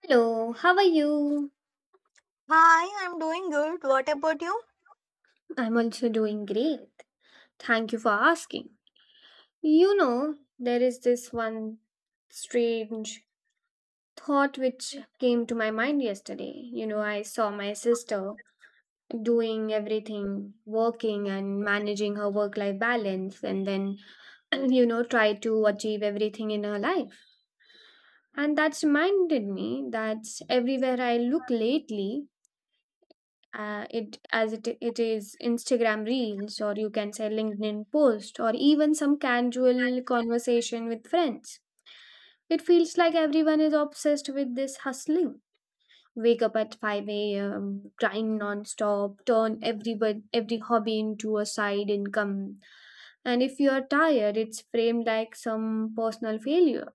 Hello, how are you? Hi, I'm doing good. What about you? I'm also doing great. Thank you for asking. You know, there is this one strange thought which came to my mind yesterday. You know, I saw my sister doing everything, working and managing her work life balance, and then, try to achieve everything in her life. And that's reminded me that everywhere I look lately, it is Instagram reels, or you can say LinkedIn post, or even some casual conversation with friends. It feels like everyone is obsessed with this hustling. Wake up at 5 a.m., grind non-stop, turn every hobby into a side income. And if you are tired, it's framed like some personal failure.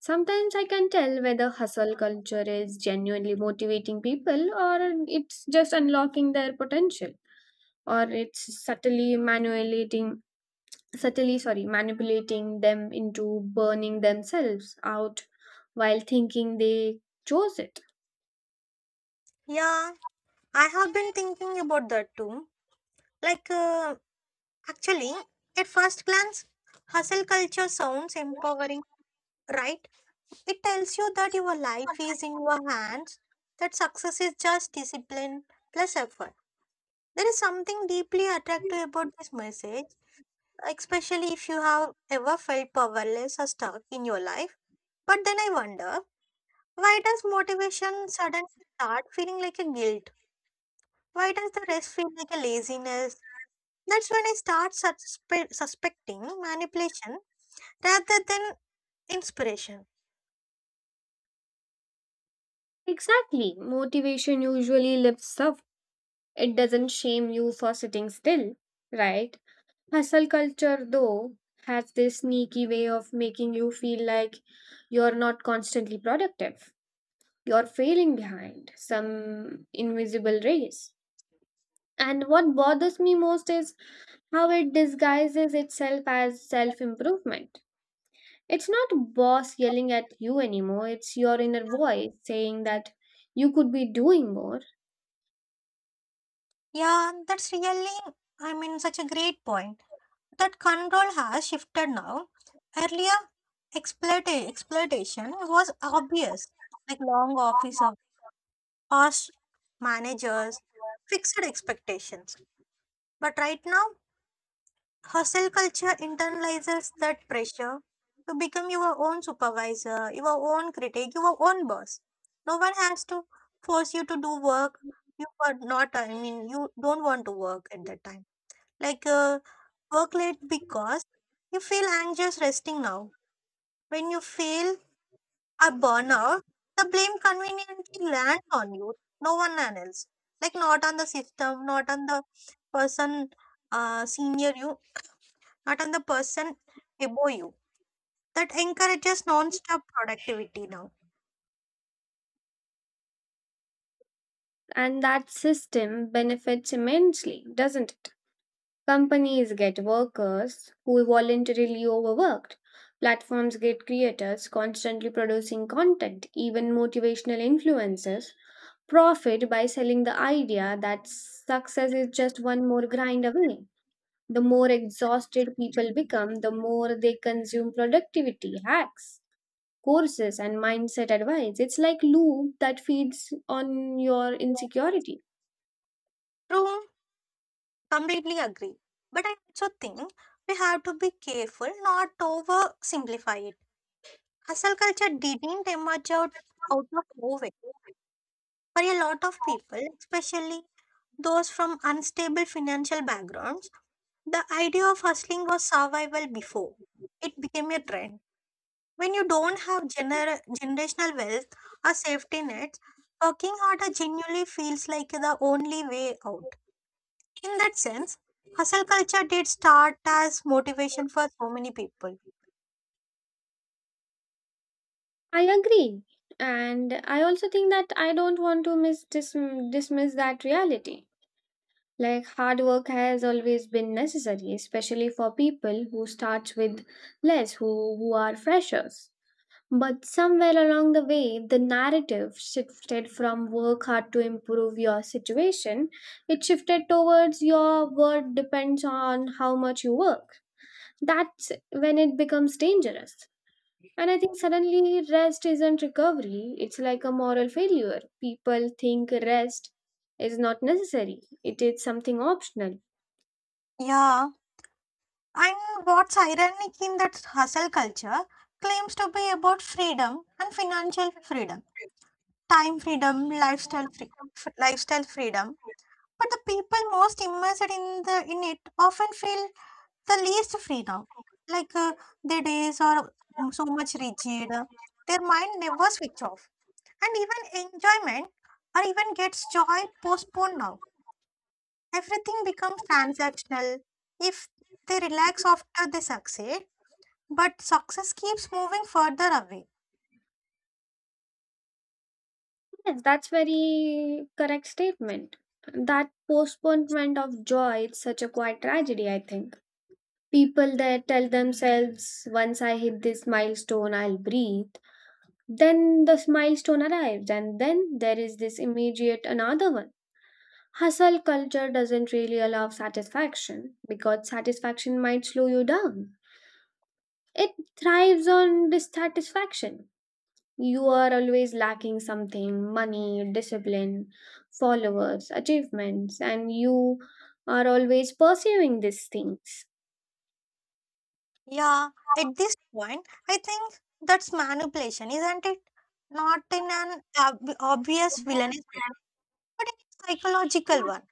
Sometimes I can tell whether hustle culture is genuinely motivating people, or it's just unlocking their potential, or it's subtly manipulating, subtly, sorry, manipulating them into burning themselves out while thinking they chose it. Yeah, I have been thinking about that too. Like, uh, actually, at first glance, hustle culture sounds empowering, right? It tells you that your life is in your hands, that success is just discipline plus effort. There is something deeply attractive about this message, especially if you have ever felt powerless or stuck in your life. But then I wonder, why does motivation suddenly start feeling like a guilt? Why does the rest feel like a laziness? That's when I start suspecting manipulation rather than inspiration. Exactly. Motivation usually lifts up. It doesn't shame you for sitting still, right? Hustle culture, though, has this sneaky way of making you feel like you're not constantly productive. You're failing behind some invisible race. And what bothers me most is how it disguises itself as self improvement. It's not boss yelling at you anymore, it's your inner voice saying that you could be doing more. Yeah, that's really, I mean, such a great point. That control has shifted now. Earlier, exploitation was obvious, like long office of harsh managers, fixed expectations. But right now, hustle culture internalizes that pressure to become your own supervisor, your own critic, your own boss. No one has to force you to do work you are not, I mean, you don't want to work at that time. Like, uh, work late because you feel anxious resting now. When you feel a burnout, the blame conveniently lands on you, no one else. Like, not on the system, not on the person senior you, not on the person above you. That encourages non-stop productivity now. And that system benefits immensely, doesn't it? Companies get workers who voluntarily overworked. Platforms get creators constantly producing content, even motivational influencers profit by selling the idea that success is just one more grind away. The more exhausted people become, the more they consume productivity hacks, courses, and mindset advice. It's like loop that feeds on your insecurity. True, completely agree. But I also think we have to be careful not to oversimplify it. Hustle culture didn't out of nowhere. For a lot of people, especially those from unstable financial backgrounds, the idea of hustling was survival before it became a trend. When you don't have generational wealth or safety nets, working harder genuinely feels like the only way out. In that sense, hustle culture did start as motivation for so many people. I agree. And I also think that I don't want to dismiss that reality. Like hard work has always been necessary, especially for people who start with less, who are freshers. But somewhere along the way, the narrative shifted from work hard to improve your situation. It shifted towards your worth depends on how much you work. That's when it becomes dangerous. And I think suddenly rest isn't recovery, it's like a moral failure. People think rest is not necessary, it is something optional. Yeah, and what's ironic in that hustle culture claims to be about freedom and financial freedom, time freedom, lifestyle freedom. But the people most immersed in the in it often feel the least free now. Like uh, their days are so much rigid. Their mind never switch off. And even enjoyment or even gets joy postponed now. Everything becomes transactional. If they relax after they succeed, but success keeps moving further away. Yes, that's very correct statement. That postponement of joy is such a quiet tragedy, I think. People that tell themselves, once I hit this milestone, I'll breathe. Then this milestone arrives, and then there is this immediate another one. Hustle culture doesn't really allow satisfaction, because satisfaction might slow you down. It thrives on dissatisfaction. You are always lacking something: money, discipline, followers, achievements, and you are always pursuing these things. Yeah, at this point, I think that's manipulation, isn't it? Not in an obvious villainous way, but in a psychological one.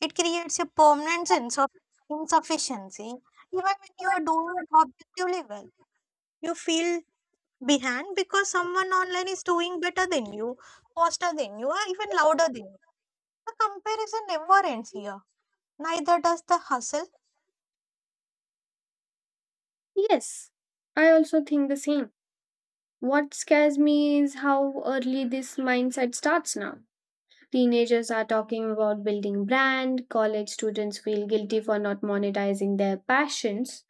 It creates a permanent sense of insufficiency. Even when you are doing objectively well, you feel behind because someone online is doing better than you, faster than you, or even louder than you. The comparison never ends here. Neither does the hustle. Yes, I also think the same. What scares me is how early this mindset starts now. Teenagers are talking about building brand, college students feel guilty for not monetizing their passions.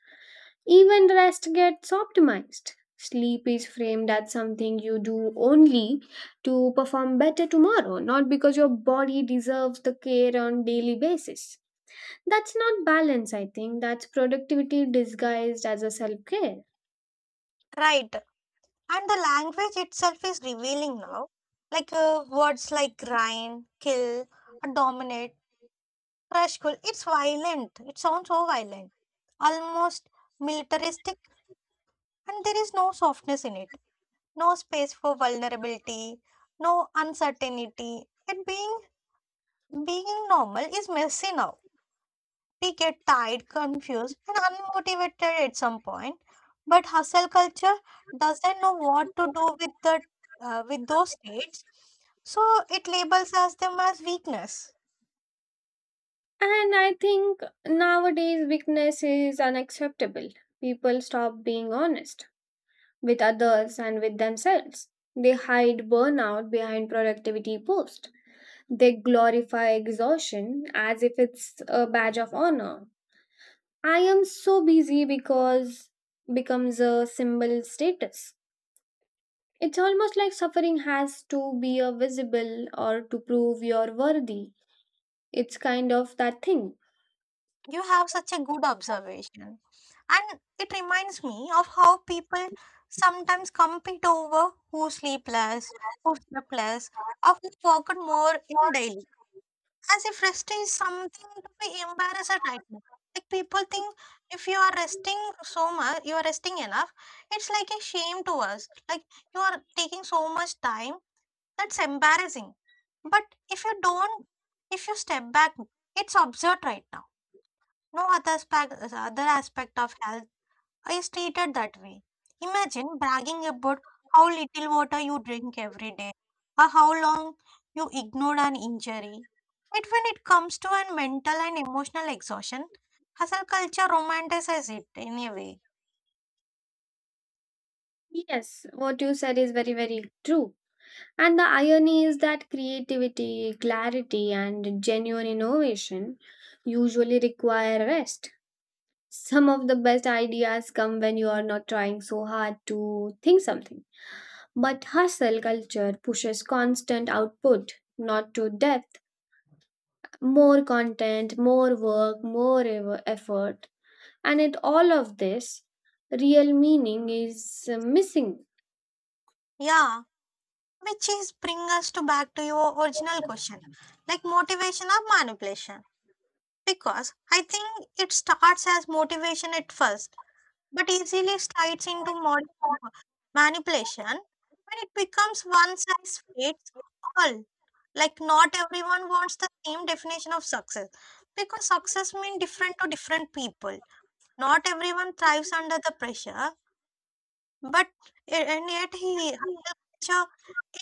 Even rest gets optimized. Sleep is framed as something you do only to perform better tomorrow, not because your body deserves the care on daily basis. That's not balance, I think. That's productivity disguised as a self-care. Right. And the language itself is revealing now. Words like grind, kill, dominate, crush, cool. It's violent. It sounds so violent. Almost militaristic, and there is no softness in it, no space for vulnerability, no uncertainty. And being normal is messy now. We get tired, confused, and unmotivated at some point. But hustle culture doesn't know what to do with the with those states, so it labels as them as weakness. And I think nowadays weakness is unacceptable. People stop being honest with others and with themselves. They hide burnout behind productivity posts. They glorify exhaustion as if it's a badge of honor. "I am so busy" because becomes a symbol status. It's almost like suffering has to be a visible or to prove you're worthy. It's kind of that thing. You have such a good observation. And it reminds me of how people sometimes compete over who slept less, or who worked more in daily. As if rest is something to be embarrassed at right now. Like people think if you are resting so much, you are resting enough, it's like a shame to us. Like you are taking so much time, that's embarrassing. But if you don't, if you step back, it's absurd right now, no other other aspect of health is treated that way. Imagine bragging about how little water you drink every day or how long you ignored an injury. Yet when it comes to an mental and emotional exhaustion, hustle culture romanticizes it in a way. Yes, what you said is very, very true. And the irony is that creativity, clarity, and genuine innovation usually require rest. Some of the best ideas come when you are not trying so hard to think something. But hustle culture pushes constant output, not to depth, more content, more work, more effort. And in all of this, real meaning is missing. Yeah, which is bring us to back to your original question, like motivation or manipulation. Because I think it starts as motivation at first but easily slides into manipulation when it becomes one size fits all. Like, not everyone wants the same definition of success because success means different to different people. Not everyone thrives under the pressure, but and yet he culture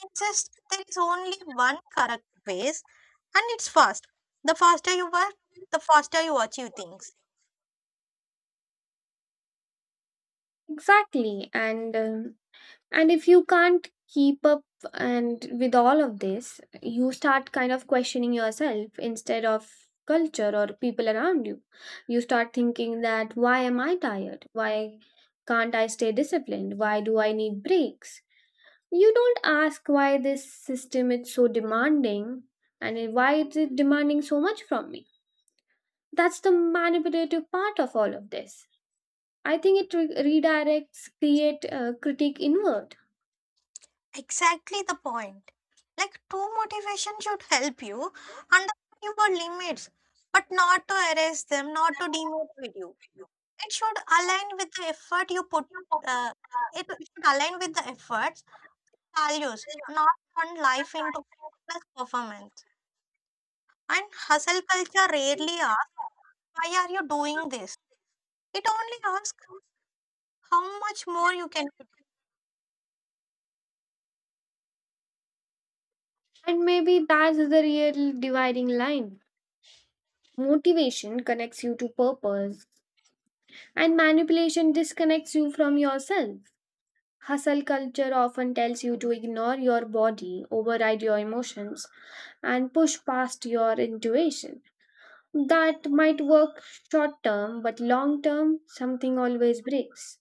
insists there is only one correct ways and it's fast. The faster you work, the faster you achieve things. Exactly. And if you can't keep up, and with all of this, you start kind of questioning yourself instead of culture or people around you. Start thinking that, why am I tired, why can't I stay disciplined, why do I need breaks? You don't ask why this system is so demanding, and why is it is demanding so much from me. That's the manipulative part of all of this. I think it redirects create critique inward. Exactly the point. Like true motivation should help you understand your limits, but not to erase them, not to demotivate you. It should align with the effort you put. Uh, it should align with the efforts, values, not turn life into plus performance. And hustle culture rarely asks, "Why are you doing this?" It only asks, "How much more you can do?" And maybe that's the real dividing line. Motivation connects you to purpose, and manipulation disconnects you from yourself. Hustle culture often tells you to ignore your body, override your emotions, and push past your intuition. That might work short term, but long term, something always breaks,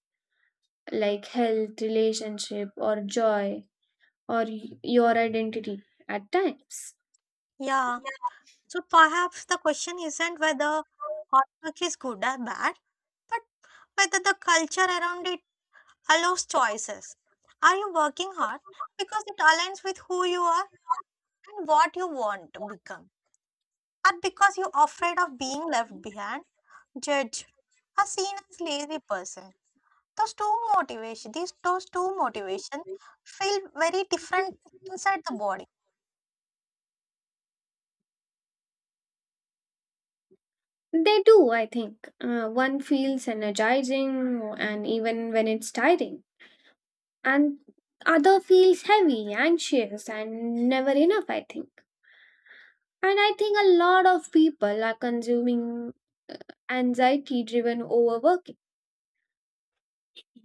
like health, relationship, or joy, or your identity at times. Yeah. So perhaps the question isn't whether hard work is good or bad, whether the culture around it allows choices. Are you working hard because it aligns with who you are and what you want to become? Or because you're afraid of being left behind, judged, or seen as lazy person? Those these those two motivation feel very different inside the body. They do, I think. One feels energizing, and even when it's tiring, and other feels heavy, anxious, and never enough, I think. And I think a lot of people are consuming anxiety driven overworking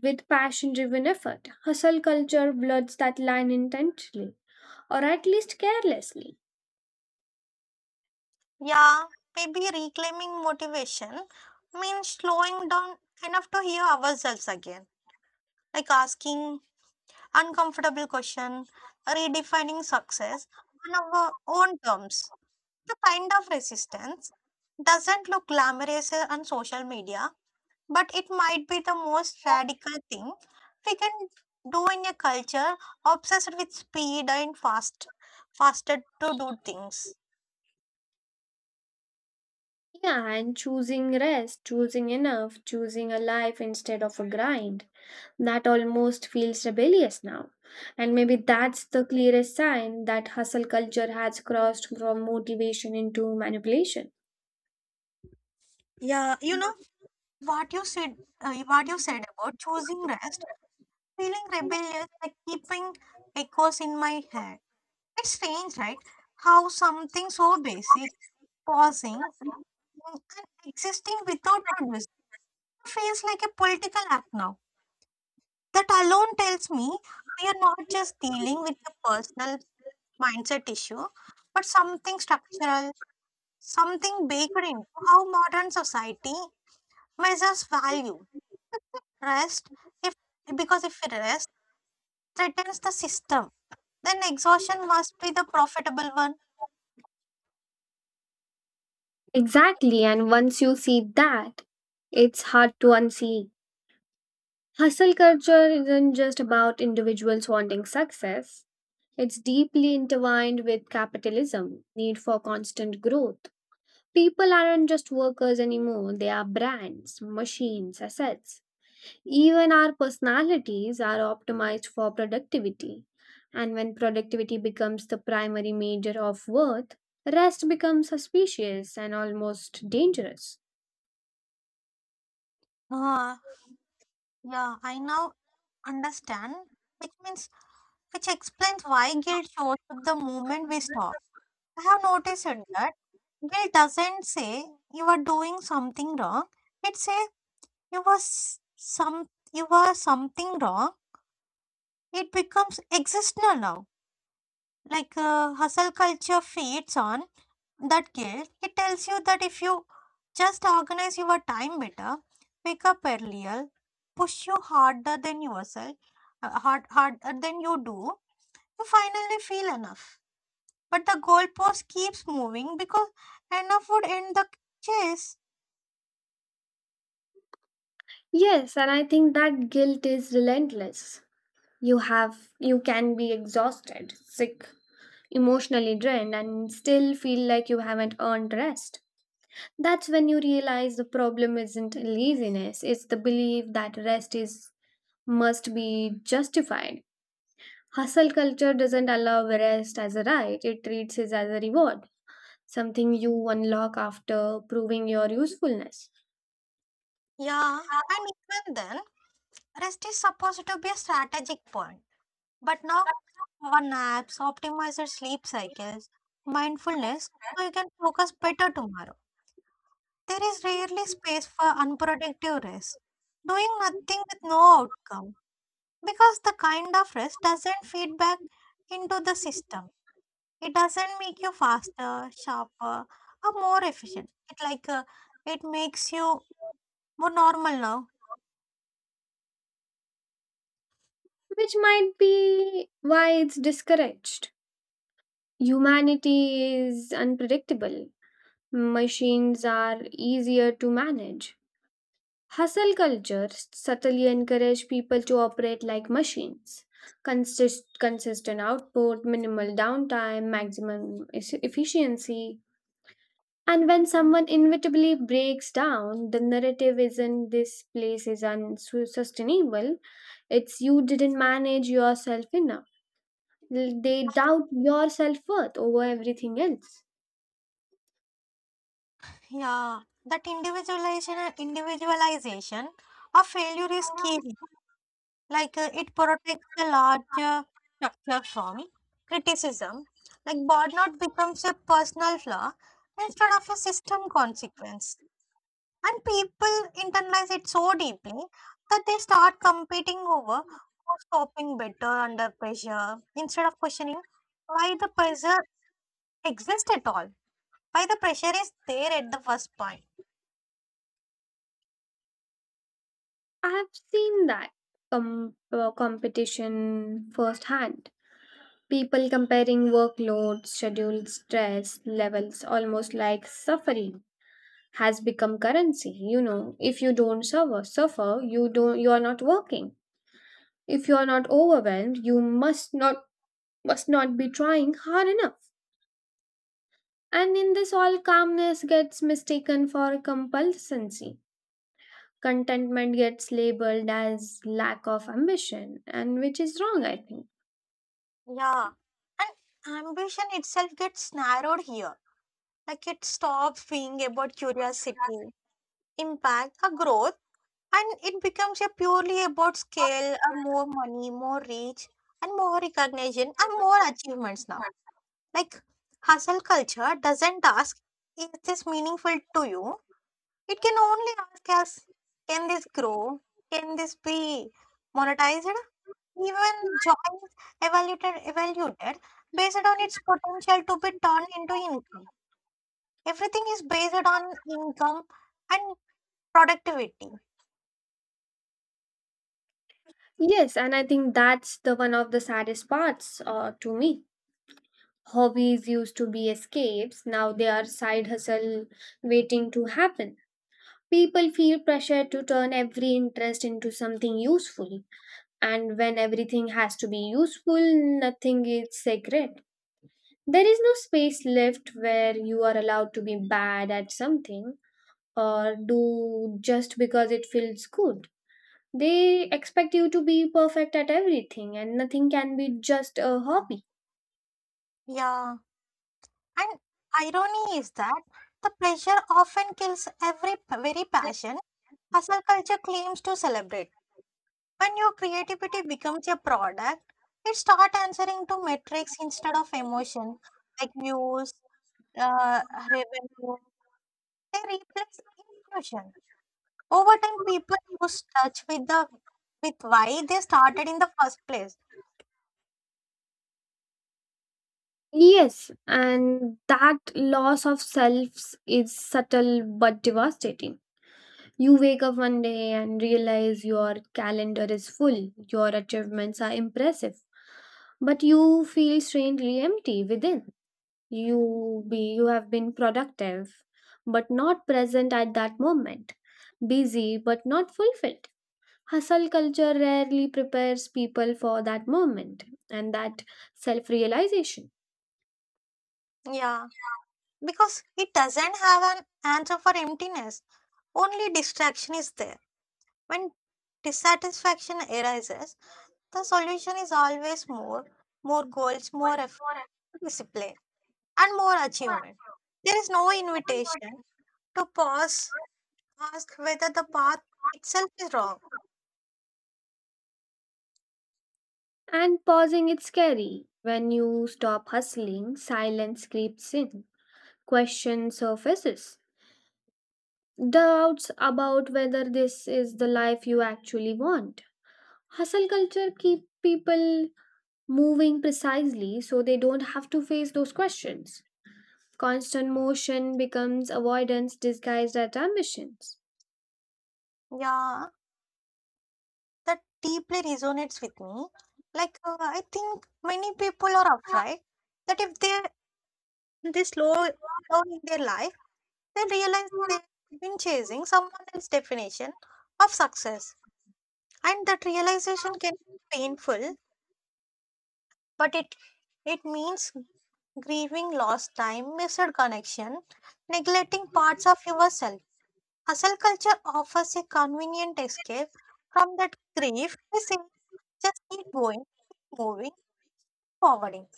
with passion driven effort. Hustle culture bloods that line intentionally, or at least carelessly. Yeah, maybe reclaiming motivation means slowing down enough to hear ourselves again. Like asking uncomfortable question, redefining success on our own terms. The kind of resistance doesn't look glamorous on social media, but it might be the most radical thing we can do in a culture obsessed with speed and fast, faster to do things. Yeah, and choosing rest, choosing enough, choosing a life instead of a grind. That almost feels rebellious now. And maybe that's the clearest sign that hustle culture has crossed from motivation into manipulation. Yeah, you know what you said about choosing rest, feeling rebellious, like keeping echoes in my head. It's strange, right? How something so basic, pausing and existing without producing, feels like a political act now. That alone tells me we are not just dealing with a personal mindset issue, but something structural, something baked into how modern society measures value. Rest, if because if rest threatens the system, then exhaustion must be the profitable one. Exactly, and once you see that, it's hard to unsee. Hustle culture isn't just about individuals wanting success, it's deeply intertwined with capitalism, need for constant growth. People aren't just workers anymore, they are brands, machines, assets. Even our personalities are optimized for productivity. And when productivity becomes the primary measure of worth, rest becomes suspicious and almost dangerous. Ah, yeah, I know understand, which means which explains why guilt shows up the moment we stop. I have noticed it that guilt doesn't say you are doing something wrong. It says you were s- some you were something wrong. It becomes existential now. Hustle culture feeds on that guilt. It tells you that if you just organize your time better, wake up earlier, push you harder than yourself, harder than you do, you finally feel enough. But the goalpost keeps moving because enough would end the chase. Yes, and I think that guilt is relentless. You can be exhausted, sick, emotionally drained, and still feel like you haven't earned rest. That's when you realize the problem isn't laziness, it's the belief that rest is must be justified. Hustle culture doesn't allow rest as a right, it treats it as a reward, something you unlock after proving your usefulness, Yeah, and even then, rest is supposed to be a strategic point. But now, our naps, optimizer sleep cycles, mindfulness, so you can focus better tomorrow. There is rarely space for unproductive rest, doing nothing with no outcome, because the kind of rest doesn't feed back into the system. It doesn't make you faster, sharper, or more efficient. It makes you more normal now. which might be why it's discouraged. Humanity is unpredictable, machines are easier to manage. Hustle culture subtly encourages people to operate like machines. Consistent output, minimal downtime, maximum efficiency. And when someone inevitably breaks down, the narrative isn't "this place is unsustainable," it's "you didn't manage yourself enough." They doubt your self worth over everything else. Yeah, that individualization of failure is key. It protects the larger structure from criticism. Like burnout becomes a personal flaw instead of a system consequence. And people internalize it so deeply that they start competing over who's coping better under pressure instead of questioning why the pressure exists at all. Why the pressure is there at the first point. I have seen that competition firsthand. People comparing workloads, schedules, stress levels, almost like suffering has become currency. You know, if you don't you are not working. If you're not overwhelmed, you must not be trying hard enough. And in this, all calmness gets mistaken for compulsancy. Contentment gets labeled as lack of ambition, and which is wrong, I think. Yeah. And ambition itself gets narrowed here, like it stops being about curiosity, impact, a growth, and it becomes a purely about scale, a more money, more reach, and more recognition and more achievements now. Like hustle culture doesn't ask, is this meaningful to you? It can only ask us, can this grow, can this be monetized, even job evaluated based on its potential to be turned into income. Everything is based on income and productivity. Yes, and I think that's the one of the saddest parts to me. Hobbies used to be escapes, now they are side hustle waiting to happen. People feel pressure to turn every interest into something useful, and when everything has to be useful, nothing is sacred. There is no space left where you are allowed to be bad at something, or do just because it feels good. They expect you to be perfect at everything, and nothing can be just a hobby. Yeah. And irony is that the pleasure often kills very passion hustle culture claims to celebrate. When your creativity becomes a product, it starts answering to metrics instead of emotion, like uh, revenue. They replace intuition. Over time, people lose touch with why they started in the first place. Yes, and that loss of selves is subtle but devastating. You wake up one day and realize your calendar is full, your achievements are impressive, but you feel strangely empty within. You have been productive but not present at that moment, busy but not fulfilled. Hustle culture rarely prepares people for that moment and that self realization. Yeah, because it doesn't have an answer for emptiness. Only distraction is there. When dissatisfaction arises, the solution is always more, more goals, more effort, discipline, and more achievement. There is no invitation to pause, ask whether the path itself is wrong. And pausing is scary. When you stop hustling, silence creeps in, question surfaces, doubts about whether this is the life you actually want. Hustle culture keep people moving precisely so they don't have to face those questions. Constant motion becomes avoidance disguised as ambitions. Yeah, that deeply resonates with me. I think many people are afraid that if they they slow down in their life, they realize they've been chasing someone else's definition of success. And that realization can be painful, but it means grieving lost time, missed connection, neglecting parts of yourself. Hustle culture offers a convenient escape from that grief. We say, just keep going, keep moving, forwarding.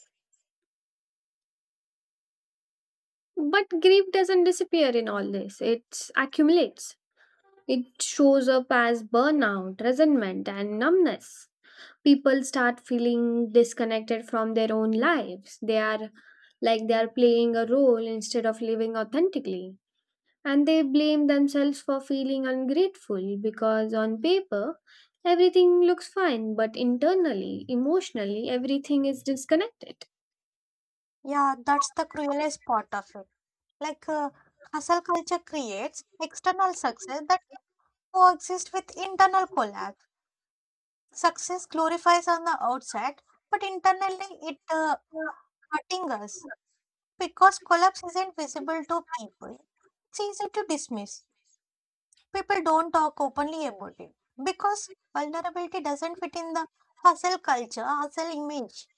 But grief doesn't disappear in all this, it accumulates. It shows up as burnout, resentment, and numbness. People start feeling disconnected from their own lives. They are like they are playing a role instead of living authentically. And they blame themselves for feeling ungrateful, because on paper everything looks fine, but internally, emotionally, everything is disconnected. Yeah, that's the cruelest part of it. Like, uh, hustle culture creates external success that can coexist with internal collapse. Success glorifies on the outside, but internally it hurting us because collapse isn't visible to people. It's easy to dismiss. People don't talk openly about it because vulnerability doesn't fit in the hustle culture, hustle image.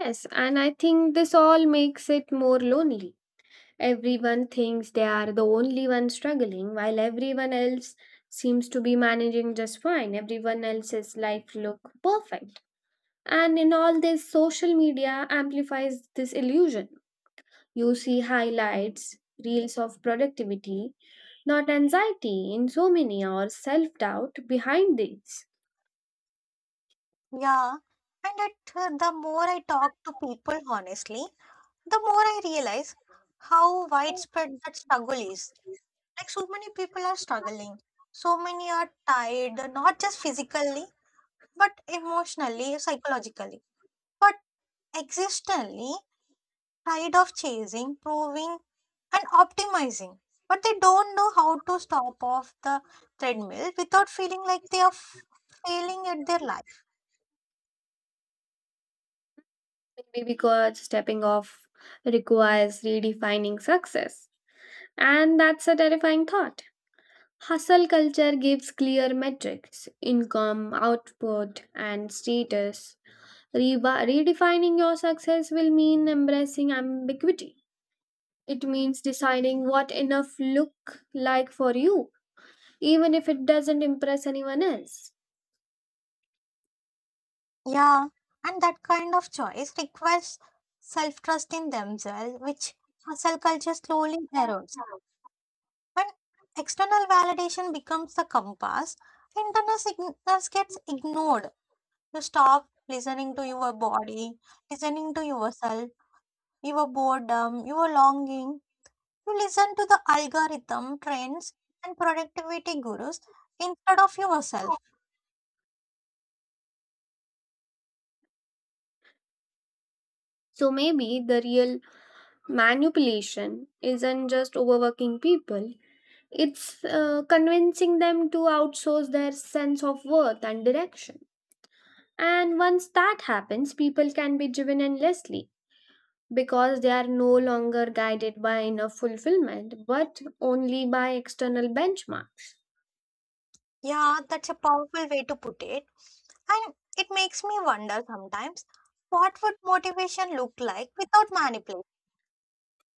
Yes, and I think this all makes it more lonely. Everyone thinks they are the only one struggling, while everyone else seems to be managing just fine, everyone else's life look perfect. And in all this, social media amplifies this illusion. You see highlights, reels of productivity, not anxiety, insomnia, or self doubt behind these. Yeah, and the more I talk to people honestly, the more I realize how widespread that struggle is. Like, so many people are struggling, so many are tired, not just physically, but emotionally, psychologically, but existentially tired of chasing, proving, and optimizing, but they don't know how to stop off the treadmill without feeling like they are failing at their life. Maybe because stepping off requires redefining success. And that's a terrifying thought. Hustle culture gives clear metrics: income, output, and status. Redefining your success will mean embracing ambiguity. It means deciding what enough look like for you, even if it doesn't impress anyone else. Yeah, and that kind of choice requires self trust in themselves, which hustle culture slowly erodes. When external validation becomes the compass, internal signals gets ignored. You stop listening to your body, listening to yourself, your boredom, your longing. You listen to the algorithm, trends, and productivity gurus instead of yourself. So maybe the real manipulation isn't just overworking people, it's convincing them to outsource their sense of worth and direction. And once that happens, people can be driven endlessly because they are no longer guided by inner fulfillment but only by external benchmarks. Yeah, that's a powerful way to put it. And it makes me wonder sometimes, what would motivation look like without manipulation?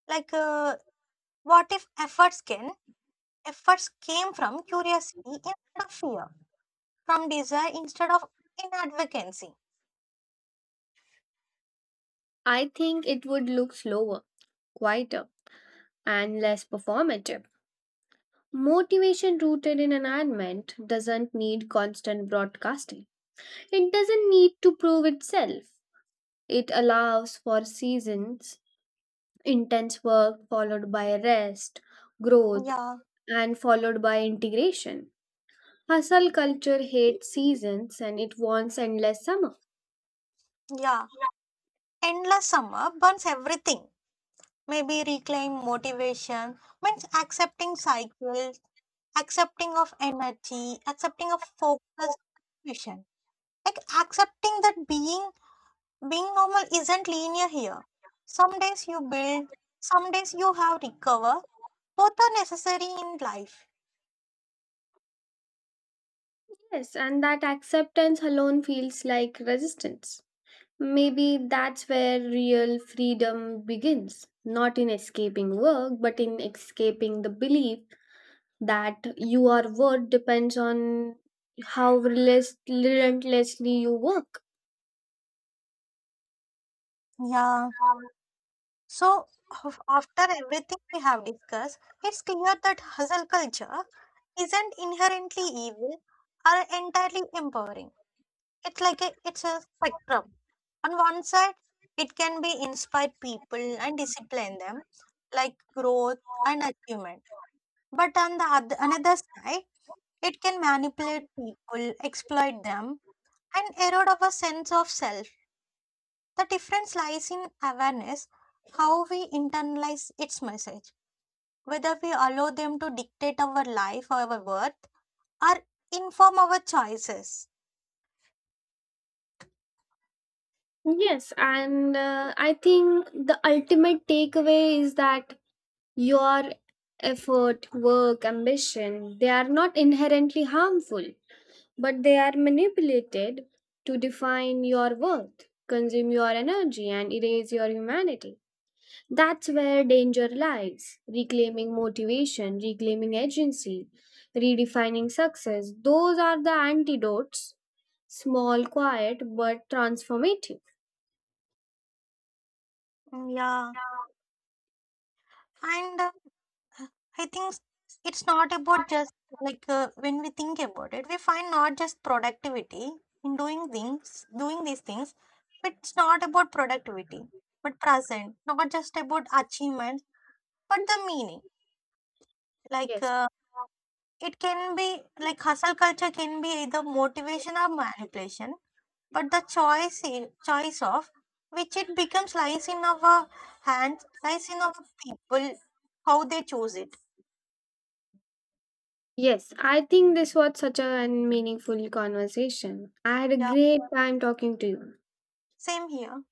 Like, uh, what if efforts came from curiosity instead of fear, from desire instead of inadvocacy? I think it would look slower, quieter, and less performative. Motivation rooted in environment doesn't need constant broadcasting. It doesn't need to prove itself. It allows for seasons, intense work followed by rest, growth, Yeah, and followed by integration. Hustle culture hates seasons, and it wants endless summer. yeah. Endless summer burns everything. Maybe reclaim motivation means accepting cycles, accepting of energy, accepting of focus, vision. Like accepting that being normal isn't linear here. Some days you build, some days you have recover. Both are necessary in life. Yes, and that acceptance alone feels like resistance. Maybe that's where real freedom begins, not in escaping work, but in escaping the belief that your worth depends on how relentlessly you work. Yeah. So after everything we have discussed, it's clear that hustle culture isn't inherently evil or entirely empowering. It's it's a spectrum. On one side, it can be inspire people and discipline them, like growth and achievement. But on another side, it can manipulate people, exploit them, and erode our sense of self. The difference lies in awareness, how we internalize its message, whether we allow them to dictate our life, our worth, or inform our choices. Yes, and I think the ultimate takeaway is that your effort, work, ambition, they are not inherently harmful, but they are manipulated to define your worth, consume your energy, and erase your humanity. That's where danger lies. Reclaiming motivation, reclaiming agency, redefining success, those are the antidotes. Small, quiet, but transformative. Yeah. And I think it's not about just when we think about it, we find not just productivity in doing things, doing these things, but it's not about productivity, but present, not just about achievement, but the meaning. Like Yes. uh, it can be like hustle culture can be either motivation or manipulation, but choice of which it becomes lies in our hands, lies in our people, how they choose it. Yes, I think this was such a meaningful conversation. I had a Yeah, great time talking to you. same here.